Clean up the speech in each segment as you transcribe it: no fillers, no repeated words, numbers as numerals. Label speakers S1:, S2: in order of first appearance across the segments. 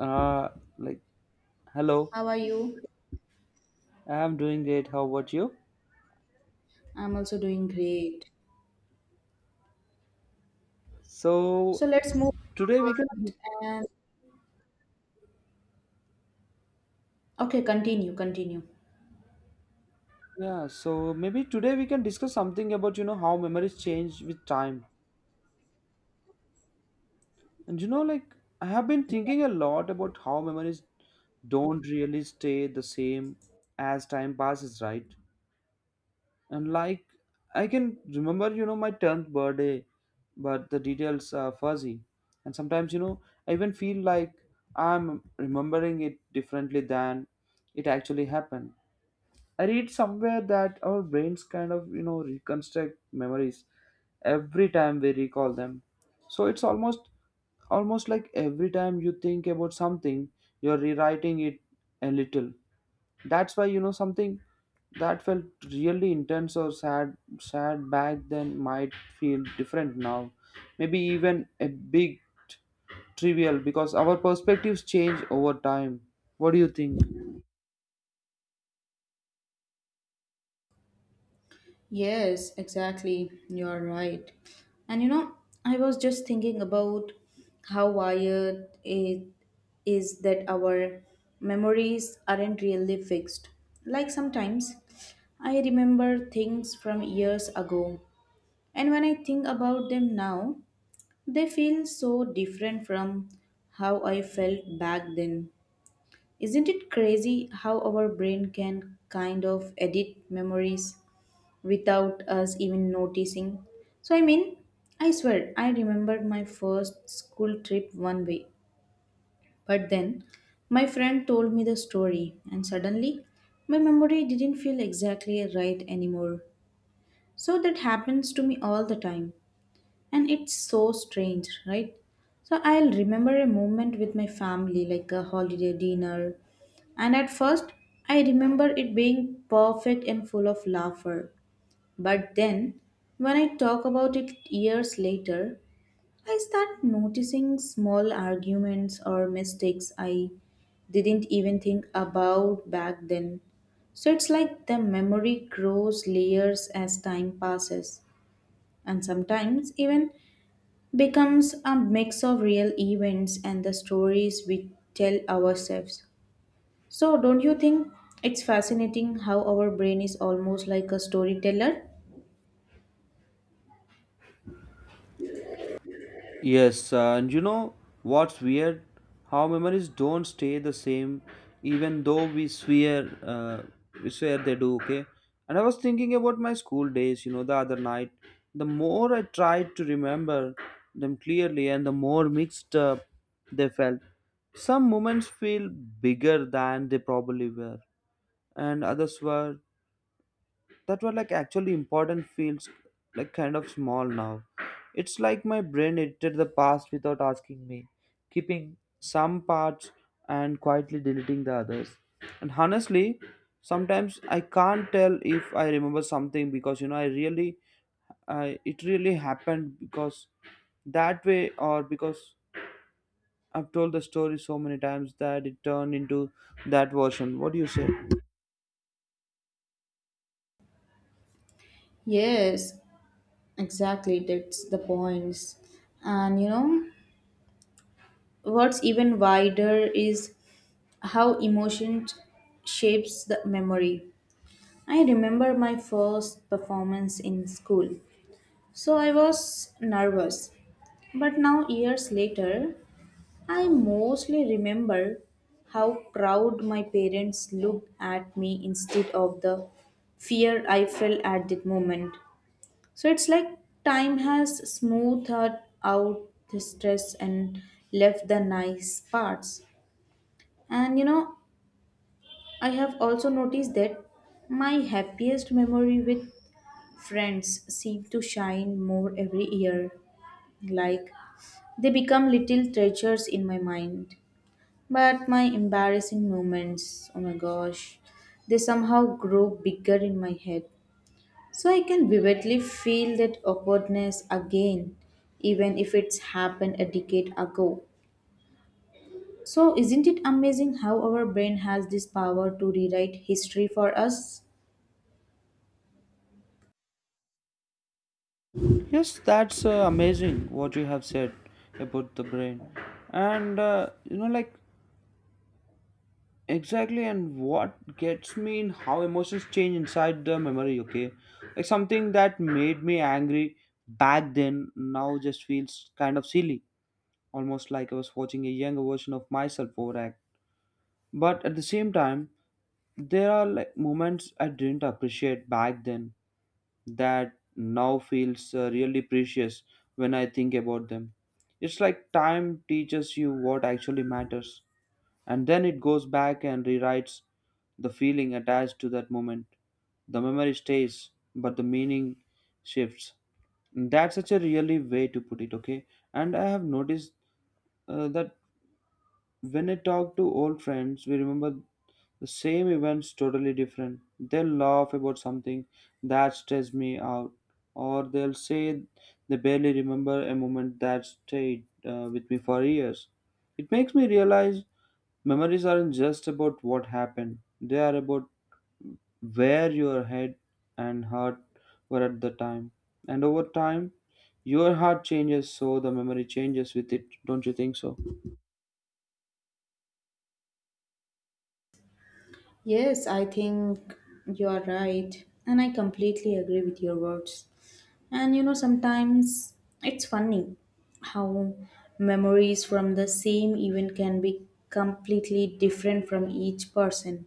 S1: Uh, like, Hello.
S2: How are you?
S1: I'm doing great. How about you?
S2: I'm also doing great. So
S1: So
S2: let's move
S1: today we can,
S2: forward and okay, continue.
S1: yeah. So maybe today we can discuss something about how memories change with time. And you know, like I have been thinking a lot about how memories don't really stay the same as time passes, right? and like I can remember my 10th birthday, but the details are fuzzy. And sometimes I even feel like I'm remembering it differently than it actually happened. I read somewhere that our brains kind of reconstruct memories every time we recall them, so it's almost like every time you think about something, you're rewriting it a little. That's why something that felt really intense or sad back then might feel different now, maybe even a big trivial, because our perspectives change over time. What do you think?
S2: Yes, exactly. You're right. And you know, I was just thinking about how wired it is that our memories aren't really fixed. Like sometimes I remember things from years ago, and when I think about them now, they feel so different from how I felt back then. Isn't it crazy how our brain can kind of edit memories without us even noticing? So, I mean, I swear, I remembered my first school trip one way, but then my friend told me the story, and suddenly my memory didn't feel exactly right anymore. So that happens to me all the time and it's so strange, right? So I'll remember a moment with my family, like a holiday dinner, and at first I remember it being perfect and full of laughter, but then when I talk about it years later I start noticing small arguments or mistakes I didn't even think about back then. So it's like the memory grows layers as time passes. And sometimes even becomes a mix of real events and the stories we tell ourselves. So, don't you think it's fascinating how our brain is almost like a storyteller?
S1: Yes, and you know what's weird? How memories don't stay the same, even though we swear they do. Okay. And I was thinking about my school days. The other night. The more I tried to remember them clearly, and the more mixed up they felt. Some moments feel bigger than they probably were, and others were that were like actually important feels like kind of small now. It's like my brain edited the past without asking me, keeping some parts and quietly deleting the others. And honestly, sometimes I can't tell if I remember something because I really I it really happened because that way, or because I've told the story so many times that it turned into that version. What do you say?
S2: Yes, exactly. That's the points. And you know, what's even wider is how emotion shapes the memory. I remember my first performance in school. So I was nervous. But now, years later, I mostly remember how proud my parents looked at me instead of the fear I felt at that moment. So it's like time has smoothed out the stress and left the nice parts. And you know, I have also noticed that my happiest memory with friends seem to shine more every year. Like they become little treasures in my mind. But my embarrassing moments, oh my gosh, they somehow grow bigger in my head. So I can vividly feel that awkwardness again, even if it's happened a decade ago. So isn't it amazing how our brain has this power to rewrite history for us?
S1: Yes, that's amazing what you have said about the brain. And exactly, and what gets me in how emotions change inside the memory, okay? Like something that made me angry back then now just feels kind of silly, almost like I was watching a younger version of myself overact. But at the same time, there are like moments I didn't appreciate back then that now feels really precious when I think about them. It's like time teaches you what actually matters, and then it goes back and rewrites the feeling attached to that moment. The memory stays, but the meaning shifts. That's such a really way to put it, okay? And I have noticed that when I talk to old friends, we remember the same event's totally different. They'll laugh about something that stressed me out, or they'll say they barely remember a moment that stayed with me for years. It makes me realize memories aren't just about what happened, they are about where your head and heart were at the time. And over time, your heart changes, so the memory changes with it. Don't you think so?
S2: Yes, I think you are right, and I completely agree with your words. And you know, sometimes it's funny how memories from the same event can be completely different from each person.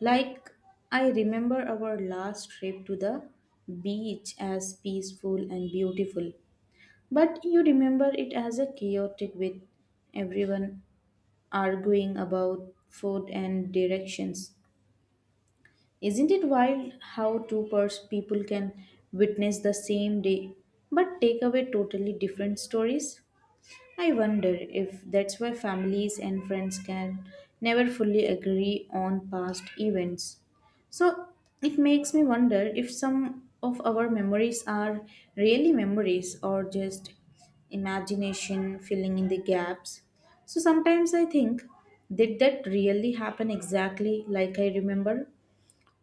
S2: Like, I remember our last trip to the beach as peaceful and beautiful, but you remember it as a chaotic with everyone arguing about food and directions. Isn't it wild how two people can witness the same day but take away totally different stories? I wonder if that's why families and friends can never fully agree on past events. So it makes me wonder if some of our memories are really memories or just imagination filling in the gaps. So sometimes I think, did that really happen exactly like I remember?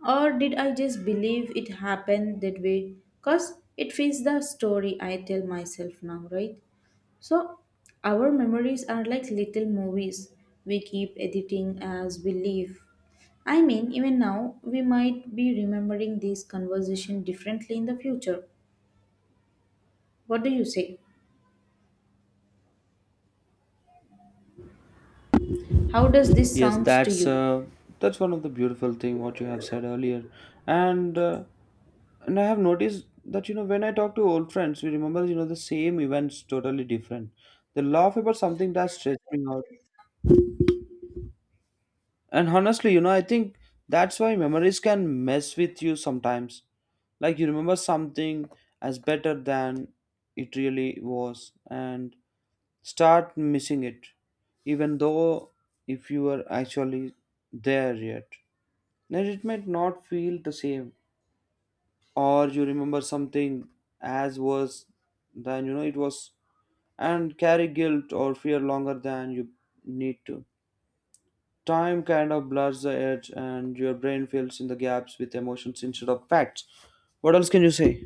S2: Or did I just believe it happened that way? Because it fits the story I tell myself now, right? So, our memories are like little movies we keep editing as we live. I mean, even now, we might be remembering this conversation differently in the future. What do you say? How does this
S1: Yes,
S2: sound to
S1: that's
S2: you?
S1: uh, that's one of the beautiful thing what you have said earlier, and uh, and I have noticed that when I talk to old friends, we remember the same events totally different. They laugh about something that stressed me out, and honestly, I think that's why memories can mess with you sometimes. Like you remember something as better than it really was, and start missing it, even though if you were actually there yet. Then it might not feel the same, or you remember something as was then you know it was, and carry guilt or fear longer than you need to. Time kind of blurs the edge, and your brain fills in the gaps with emotions instead of facts. What else can you say?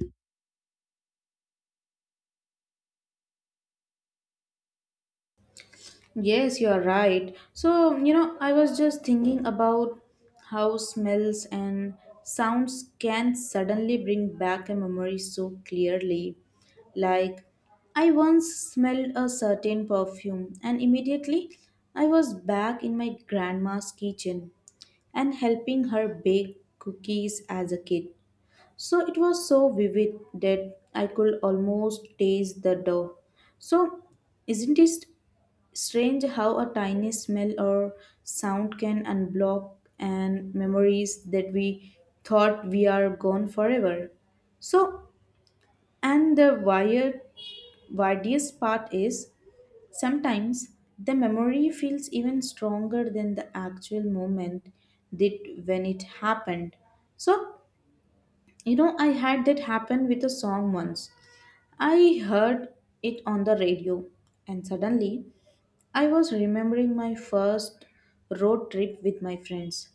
S2: Yes, you are right. So, you know, I was just thinking about how smells and sounds can suddenly bring back a memory so clearly. Like, I once smelled a certain perfume, and immediately I was back in my grandma's kitchen and helping her bake cookies as a kid. So, it was so vivid that I could almost taste the dough. So, isn't it strange how a tiny smell or sound can unblock and memories that we thought we are gone forever. So, and the wired, widest part is sometimes the memory feels even stronger than the actual moment did when it happened. So, you know, I had that happen with a song once. I heard it on the radio, and suddenly I was remembering my first road trip with my friends.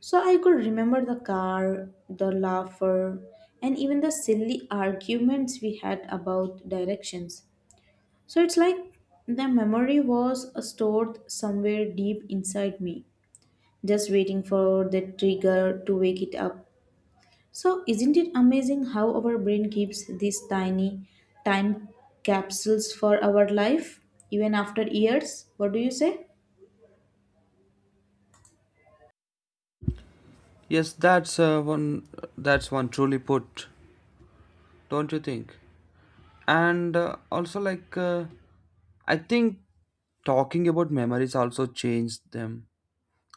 S2: So I could remember the car, the laughter, and even the silly arguments we had about directions. So it's like the memory was stored somewhere deep inside me, just waiting for the trigger to wake it up. So isn't it amazing how our brain keeps these tiny time capsules for our life even after years? What do you say?
S1: Yes, That's one truly put, don't you think? And also, I think talking about memories also changed them.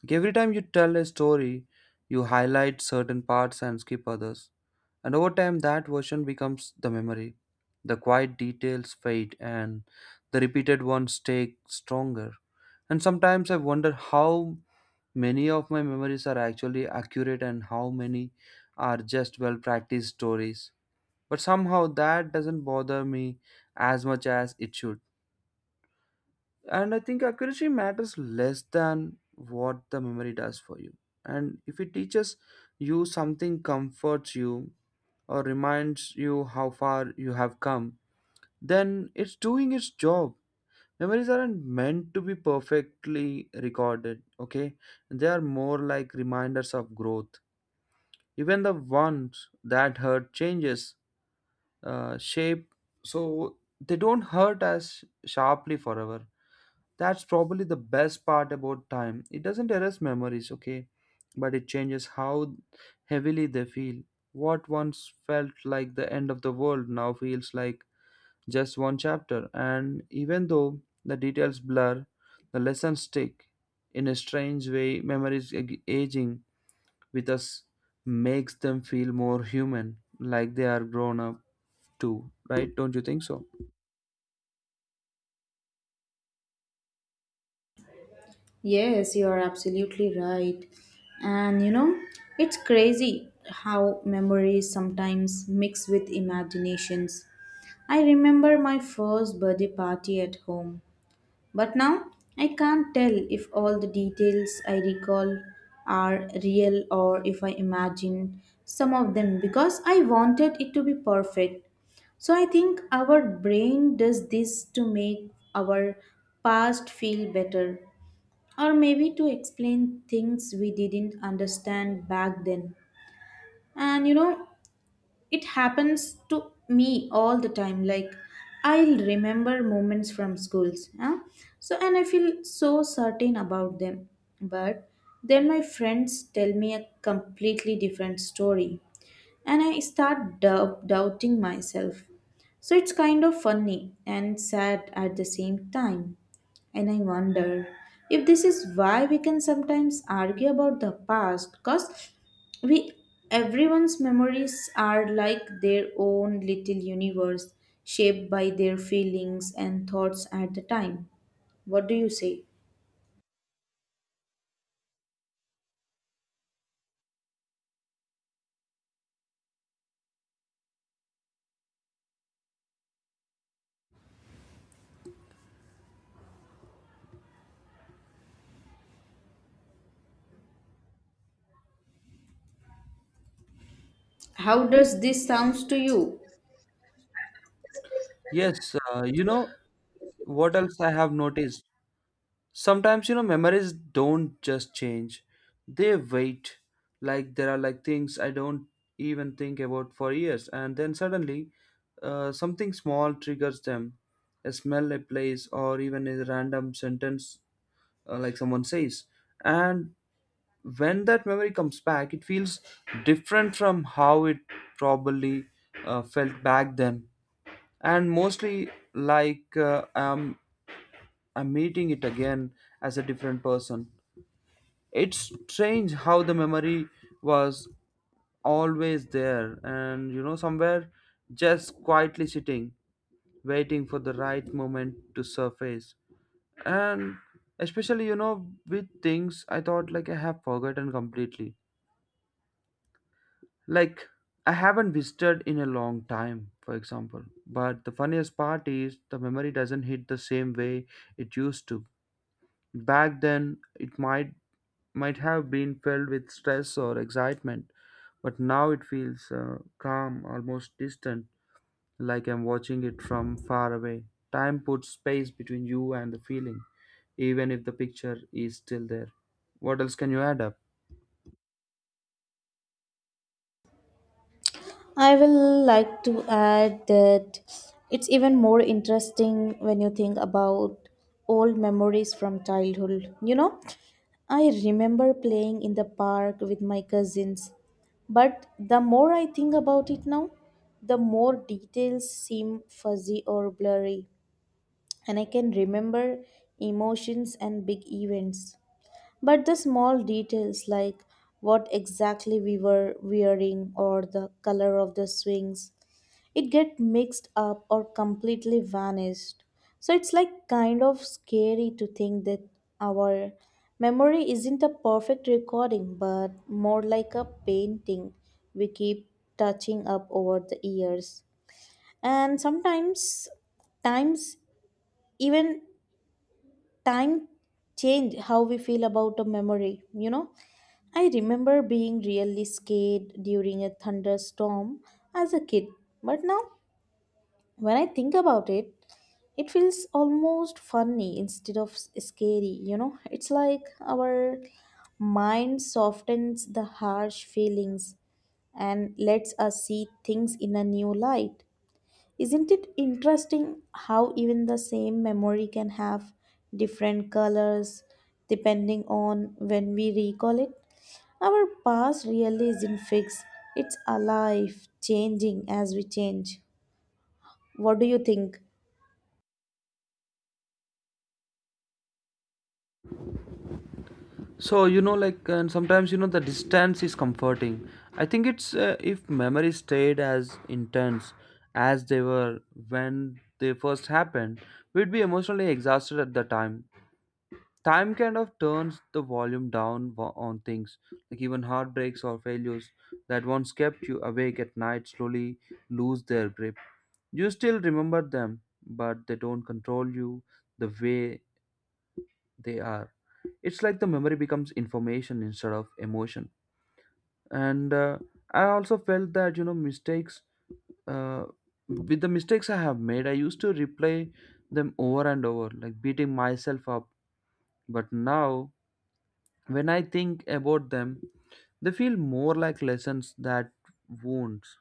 S1: Like, every time you tell a story, you highlight certain parts and skip others. And over time, that version becomes the memory. The quiet details fade, and the repeated ones take stronger. And sometimes I wonder how many of my memories are actually accurate and how many are just well practiced stories. But somehow that doesn't bother me as much as it should. And I think accuracy matters less than what the memory does for you. And if it teaches you something, comforts you, or reminds you how far you have come, then it's doing its job. Memories aren't meant to be perfectly recorded, okay? They are more like reminders of growth. Even the ones that hurt changes shape, so they don't hurt as sharply forever. That's probably the best part about time. It doesn't erase memories, okay, but it changes how heavily they feel. What once felt like the end of the world now feels like just one chapter, and even though the details blur, the lessons stick. In a strange way, memories aging with us makes them feel more human, like they are grown up too, right? Don't you think so?
S2: Yes, you are absolutely right. And you know, it's crazy how memories sometimes mix with imaginations. I remember my first birthday party at home, but now I can't tell if all the details I recall are real or if I imagined some of them because I wanted it to be perfect. So I think our brain does this to make our past feel better or maybe to explain things we didn't understand back then. And you know, it happens to me all the time. Like, I'll remember moments from schools, huh? So and I feel so certain about them. But then my friends tell me a completely different story, and I start doubting myself. So it's kind of funny and sad at the same time. And I wonder if this is why we can sometimes argue about the past because we everyone's memories are like their own little universe shaped by their feelings and thoughts at the time. What do you say? How does this sounds to you?
S1: Yes, you know what else I have noticed? Sometimes memories don't just change, they wait. Like, there are, like, things I don't even think about for years, and then suddenly something small triggers them: a smell, a place, or even a random sentence like someone says. And when that memory comes back, it feels different from how it probably felt back then. And mostly like I'm meeting it again as a different person. It's strange how the memory was always there, and somewhere just quietly sitting, waiting for the right moment to surface. And especially with things I thought like I have forgotten completely, like I haven't visited in a long time, for example. But the funniest part is the memory doesn't hit the same way it used to. Back then it might have been filled with stress or excitement, but now it feels calm, almost distant, like I'm watching it from far away. Time puts space between you and the feeling, even if the picture is still there. What else can you add up?
S2: I will like to add that it's even more interesting when you think about old memories from childhood. You know, I remember playing in the park with my cousins, but the more I think about it now, the more details seem fuzzy or blurry, and I can remember emotions and big events. But the small details like what exactly we were wearing or the color of the swings, it get mixed up or completely vanished. So it's like kind of scary to think that our memory isn't a perfect recording but more like a painting we keep touching up over the years. And sometimes times even time change how we feel about a memory, you know. I remember being really scared during a thunderstorm as a kid, but now when I think about it, it feels almost funny instead of scary, you know? It's like our mind softens the harsh feelings and lets us see things in a new light. Isn't it interesting how even the same memory can have different colors depending on when we recall it? Our past really isn't fixed, it's alive, changing as we change. What do you think?
S1: And sometimes the distance is comforting. I think it's if memories stayed as intense as they were when they first happened, we'd be emotionally exhausted at the time. Time kind of turns the volume down on things, like even heartbreaks or failures that once kept you awake at night slowly lose their grip. You still remember them, but they don't control you the way they are. It's like the memory becomes information instead of emotion. And I also felt that you know mistakes uh, with the mistakes I have made, I used to replay them over and over, like beating myself up. But now, when I think about them, they feel more like lessons that wounds.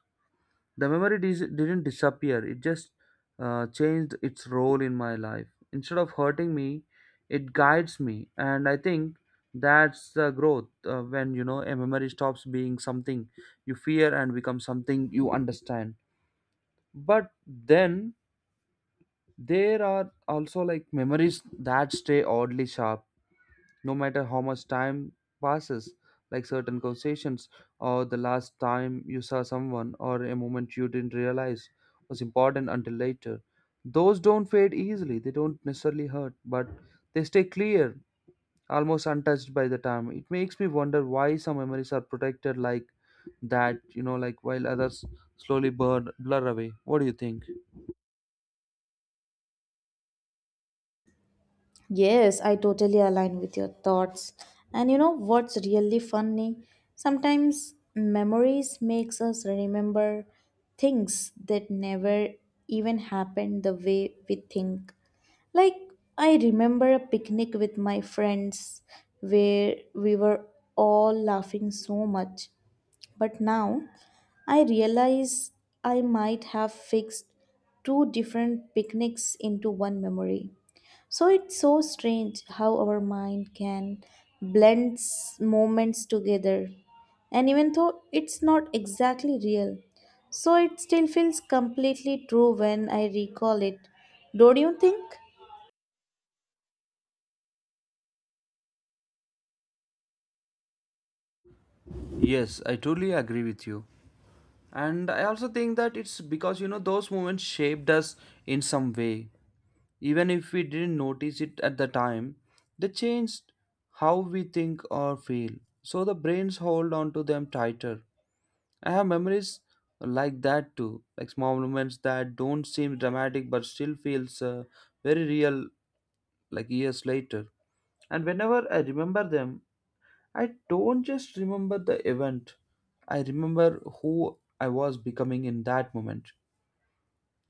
S1: The memory didn't disappear, it just changed its role in my life. Instead of hurting me, it guides me. And I think that's the growth when a memory stops being something you fear and becomes something you understand. But then there are also like memories that stay oddly sharp no matter how much time passes, like certain conversations, or the last time you saw someone, or a moment you didn't realize was important until later. Those don't fade easily, they don't necessarily hurt, but they stay clear, almost untouched by the time. It makes me wonder why some memories are protected like that, while others slowly burn, blur away. What do you think?
S2: Yes, I totally align with your thoughts. And you know what's really funny? Sometimes memories makes us remember things that never even happened the way we think. Like I remember a picnic with my friends where we were all laughing so much. But now I realize I might have fixed two different picnics into one memory. So it's so strange how our mind can blend moments together. And even though it's not exactly real, so it still feels completely true when I recall it. Don't you think?
S1: Yes, I totally agree with you. And I also think that it's because those moments shaped us in some way, even if we didn't notice it at the time. They changed how we think or feel, so the brains hold on to them tighter. I have memories like that too, like small moments that don't seem dramatic but still feels very real, like years later. And whenever I remember them, I don't just remember the event, I remember who I was becoming in that moment.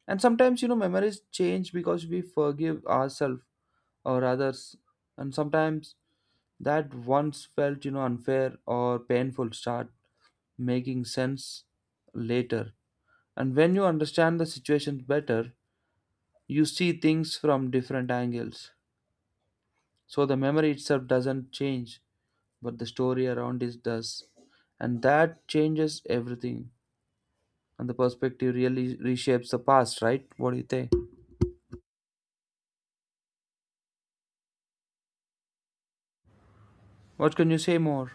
S1: And sometimes, memories change because we forgive ourselves or others. And sometimes that once felt, unfair or painful start making sense later. And when you understand the situation better, you see things from different angles. So the memory itself doesn't change, but the story around it does. And that changes everything. And the perspective really reshapes the past, right? What do you think? What can you say more?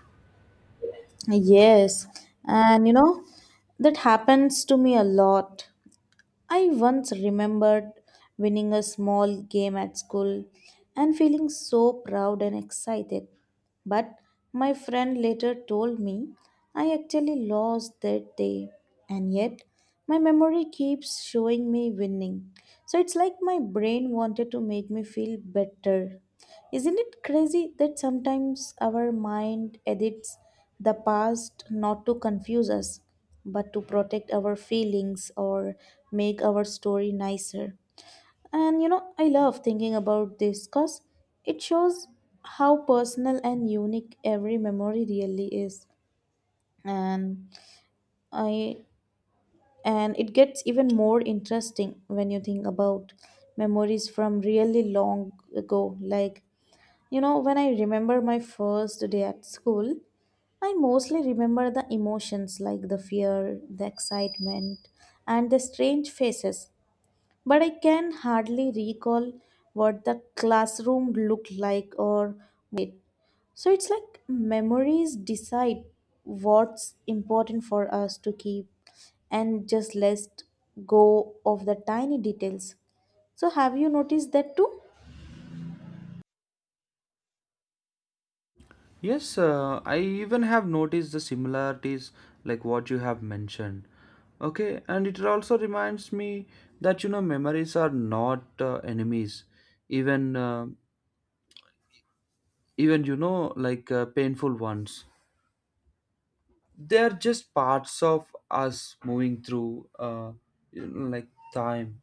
S2: Yes. And you know, that happens to me a lot. I once remembered winning a small game at school and feeling so proud and excited. But my friend later told me I actually lost that day, and yet my memory keeps showing me winning. So it's like my brain wanted to make me feel better. Isn't it crazy that sometimes our mind edits the past not to confuse us, but to protect our feelings or make our story nicer? And you know, I love thinking about this because it shows how personal and unique every memory really is. And I and it gets even more interesting when you think about memories from really long ago, like you know, when I remember my first day at school, I mostly remember the emotions like the fear, the excitement, and the strange faces. But I can hardly recall what the classroom looked like or wait. So it's like memories decide what's important for us to keep and just let go of the tiny details. So have you noticed that too?
S1: Yes, I even have noticed the similarities, like what you have mentioned. Okay, and it also reminds me that memories are not enemies, even uh, even painful ones. They are just parts of us moving through you know, like time.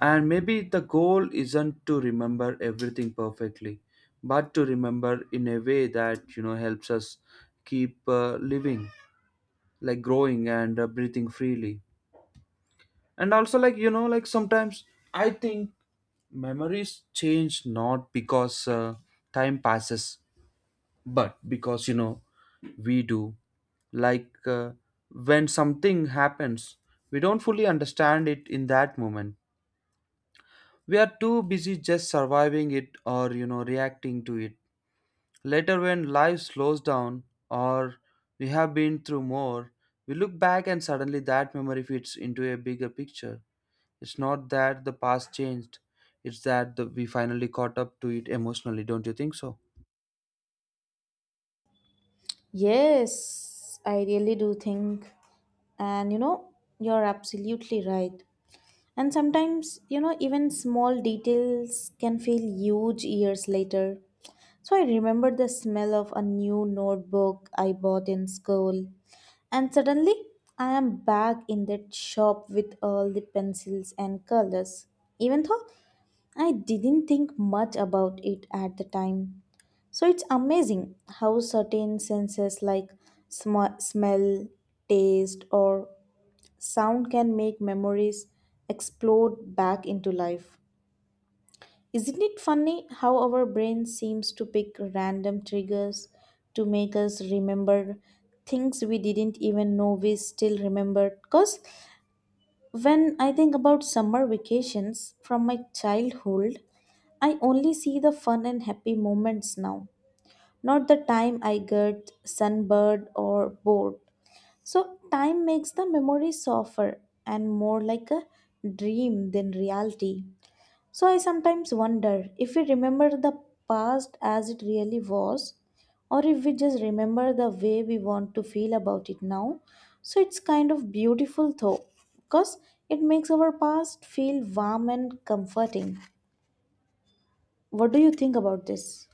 S1: And maybe the goal isn't to remember everything perfectly, but to remember in a way that helps us keep living. Like growing and breathing freely. And also like sometimes I think memories change not because time passes, but because we do. Like when something happens, we don't fully understand it in that moment. We are too busy just surviving it, or reacting to it. Later, when life slows down or we have been through more, we look back and suddenly that memory fits into a bigger picture. It's not that the past changed, it's that we finally caught up to it emotionally. Don't you think so?
S2: Yes, I really do think. And you know, you're absolutely right. And sometimes, you know, even small details can feel huge years later. So I remember the smell of a new notebook I bought in school. And suddenly, I am back in that shop with all the pencils and colors. Even though I didn't think much about it at the time. So it's amazing how certain senses like smell, taste, or sound can make memories explode back into life. Isn't it funny how our brain seems to pick random triggers to make us remember things we didn't even know we still remembered? Because when I think about summer vacations from my childhood, I only see the fun and happy moments now, not the time I get sunburned or bored. So, time makes the memory softer and more like a dream than reality. So, I sometimes wonder if we remember the past as it really was, or if we just remember the way we want to feel about it now. So, it's kind of beautiful though, because it makes our past feel warm and comforting. What do you think about this?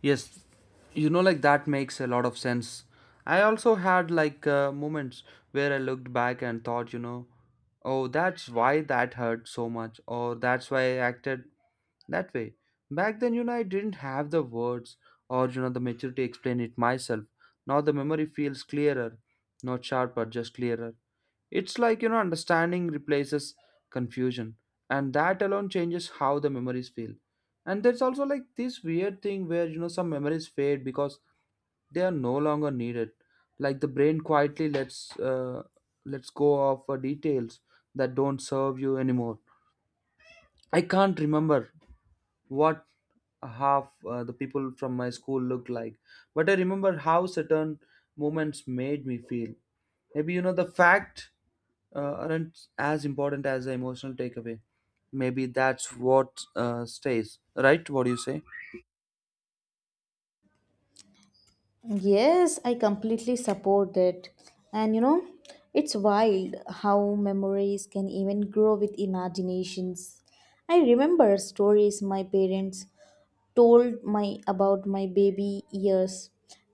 S1: Yes, that makes a lot of sense. I also had moments where I looked back and thought, oh, that's why that hurt so much, or that's why I acted that way. Back then, I didn't have the words, or, the maturity to explain it myself. Now the memory feels clearer, not sharper, just clearer. It's like, understanding replaces confusion, and that alone changes how the memories feel. And there's also like this weird thing where some memories fade because they are no longer needed. Like the brain quietly lets let's go of details that don't serve you anymore. I can't remember what half the people from my school looked like, but I remember how certain moments made me feel. Maybe the fact aren't as important as the emotional takeaway. Maybe that's what stays, right? What do you say?
S2: Yes, I completely support that. And you know, it's wild how memories can even grow with imaginations. I remember stories my parents told my about my baby years,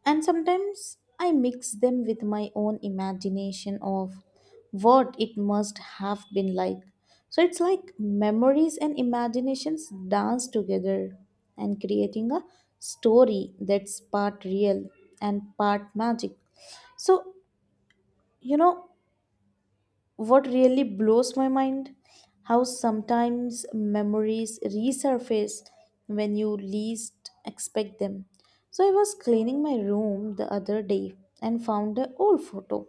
S2: and sometimes I mix them with my own imagination of what it must have been like. So it's like memories and imaginations dance together and creating a story that's part real and part magic. So, you know, what really blows my mind, how sometimes memories resurface when you least expect them. So I was cleaning my room the other day and found an old photo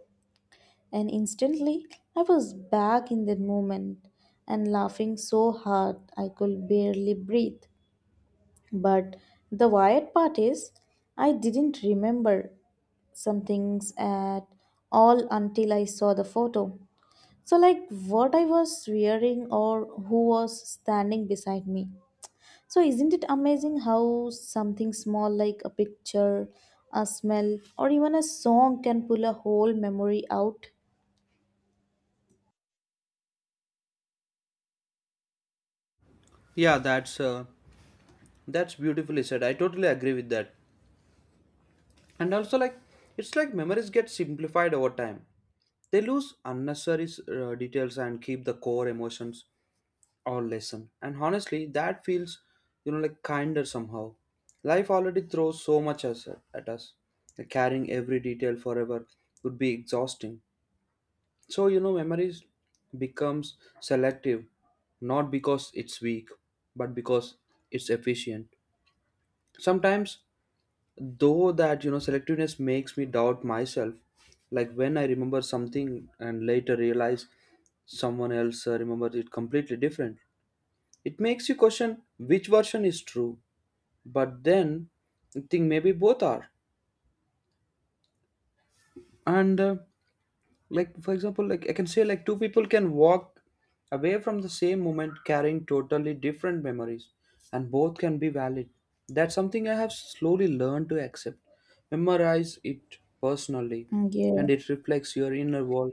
S2: and instantly I was back in that moment and laughing so hard I could barely breathe. But the weird part is I didn't remember some things at all until I saw the photo. So, like what I was wearing or who was standing beside me. So, isn't it amazing how something small like a picture, a smell, or even a song can pull a whole memory out?
S1: Yeah, that's beautifully said. I totally agree with that. And also, like, it's like memories get simplified over time. They lose unnecessary details and keep the core emotions or lesson. And honestly, that feels, like kinder somehow. Life already throws so much at us. Like, carrying every detail forever would be exhausting. So, memories becomes selective, not because it's weak, but because it's efficient. Sometimes though that selectiveness makes me doubt myself, like when I remember something and later realize someone else remembers it completely different. It makes you question which version is true. But then I think maybe both are. And like, for example, like I can say, like, two people can walk away from the same moment carrying totally different memories, and both can be valid. That's something I have slowly learned to accept. Memorize it personally,
S2: Mm, yeah.
S1: and it reflects your inner world.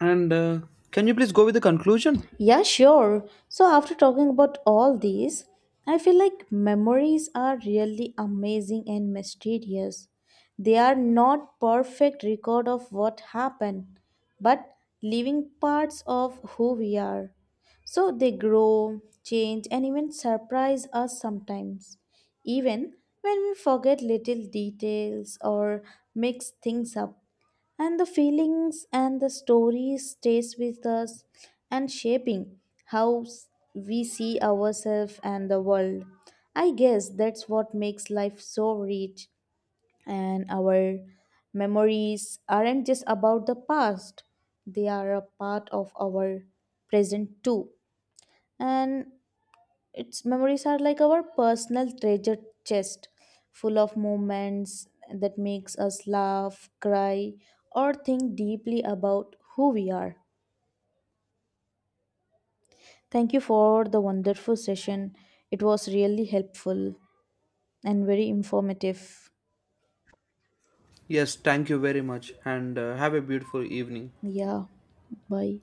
S1: And can you please go with the conclusion?
S2: Yeah, sure. So, after talking about all these, I feel like memories are really amazing and mysterious. They are not perfect record of what happened, but living parts of who we are. So they grow, change, and even surprise us sometimes, even when we forget little details or mix things up. And the feelings and the stories stays with us and shaping how we see ourselves and the world. I guess that's what makes life so rich. And our memories aren't just about the past, they are a part of our present too. And its memories are like our personal treasure chest, full of moments that makes us laugh, cry, or think deeply about who we are. Thank you for the wonderful session. It was really helpful and very informative.
S1: Yes, thank you very much, and have a beautiful evening.
S2: Yeah, bye.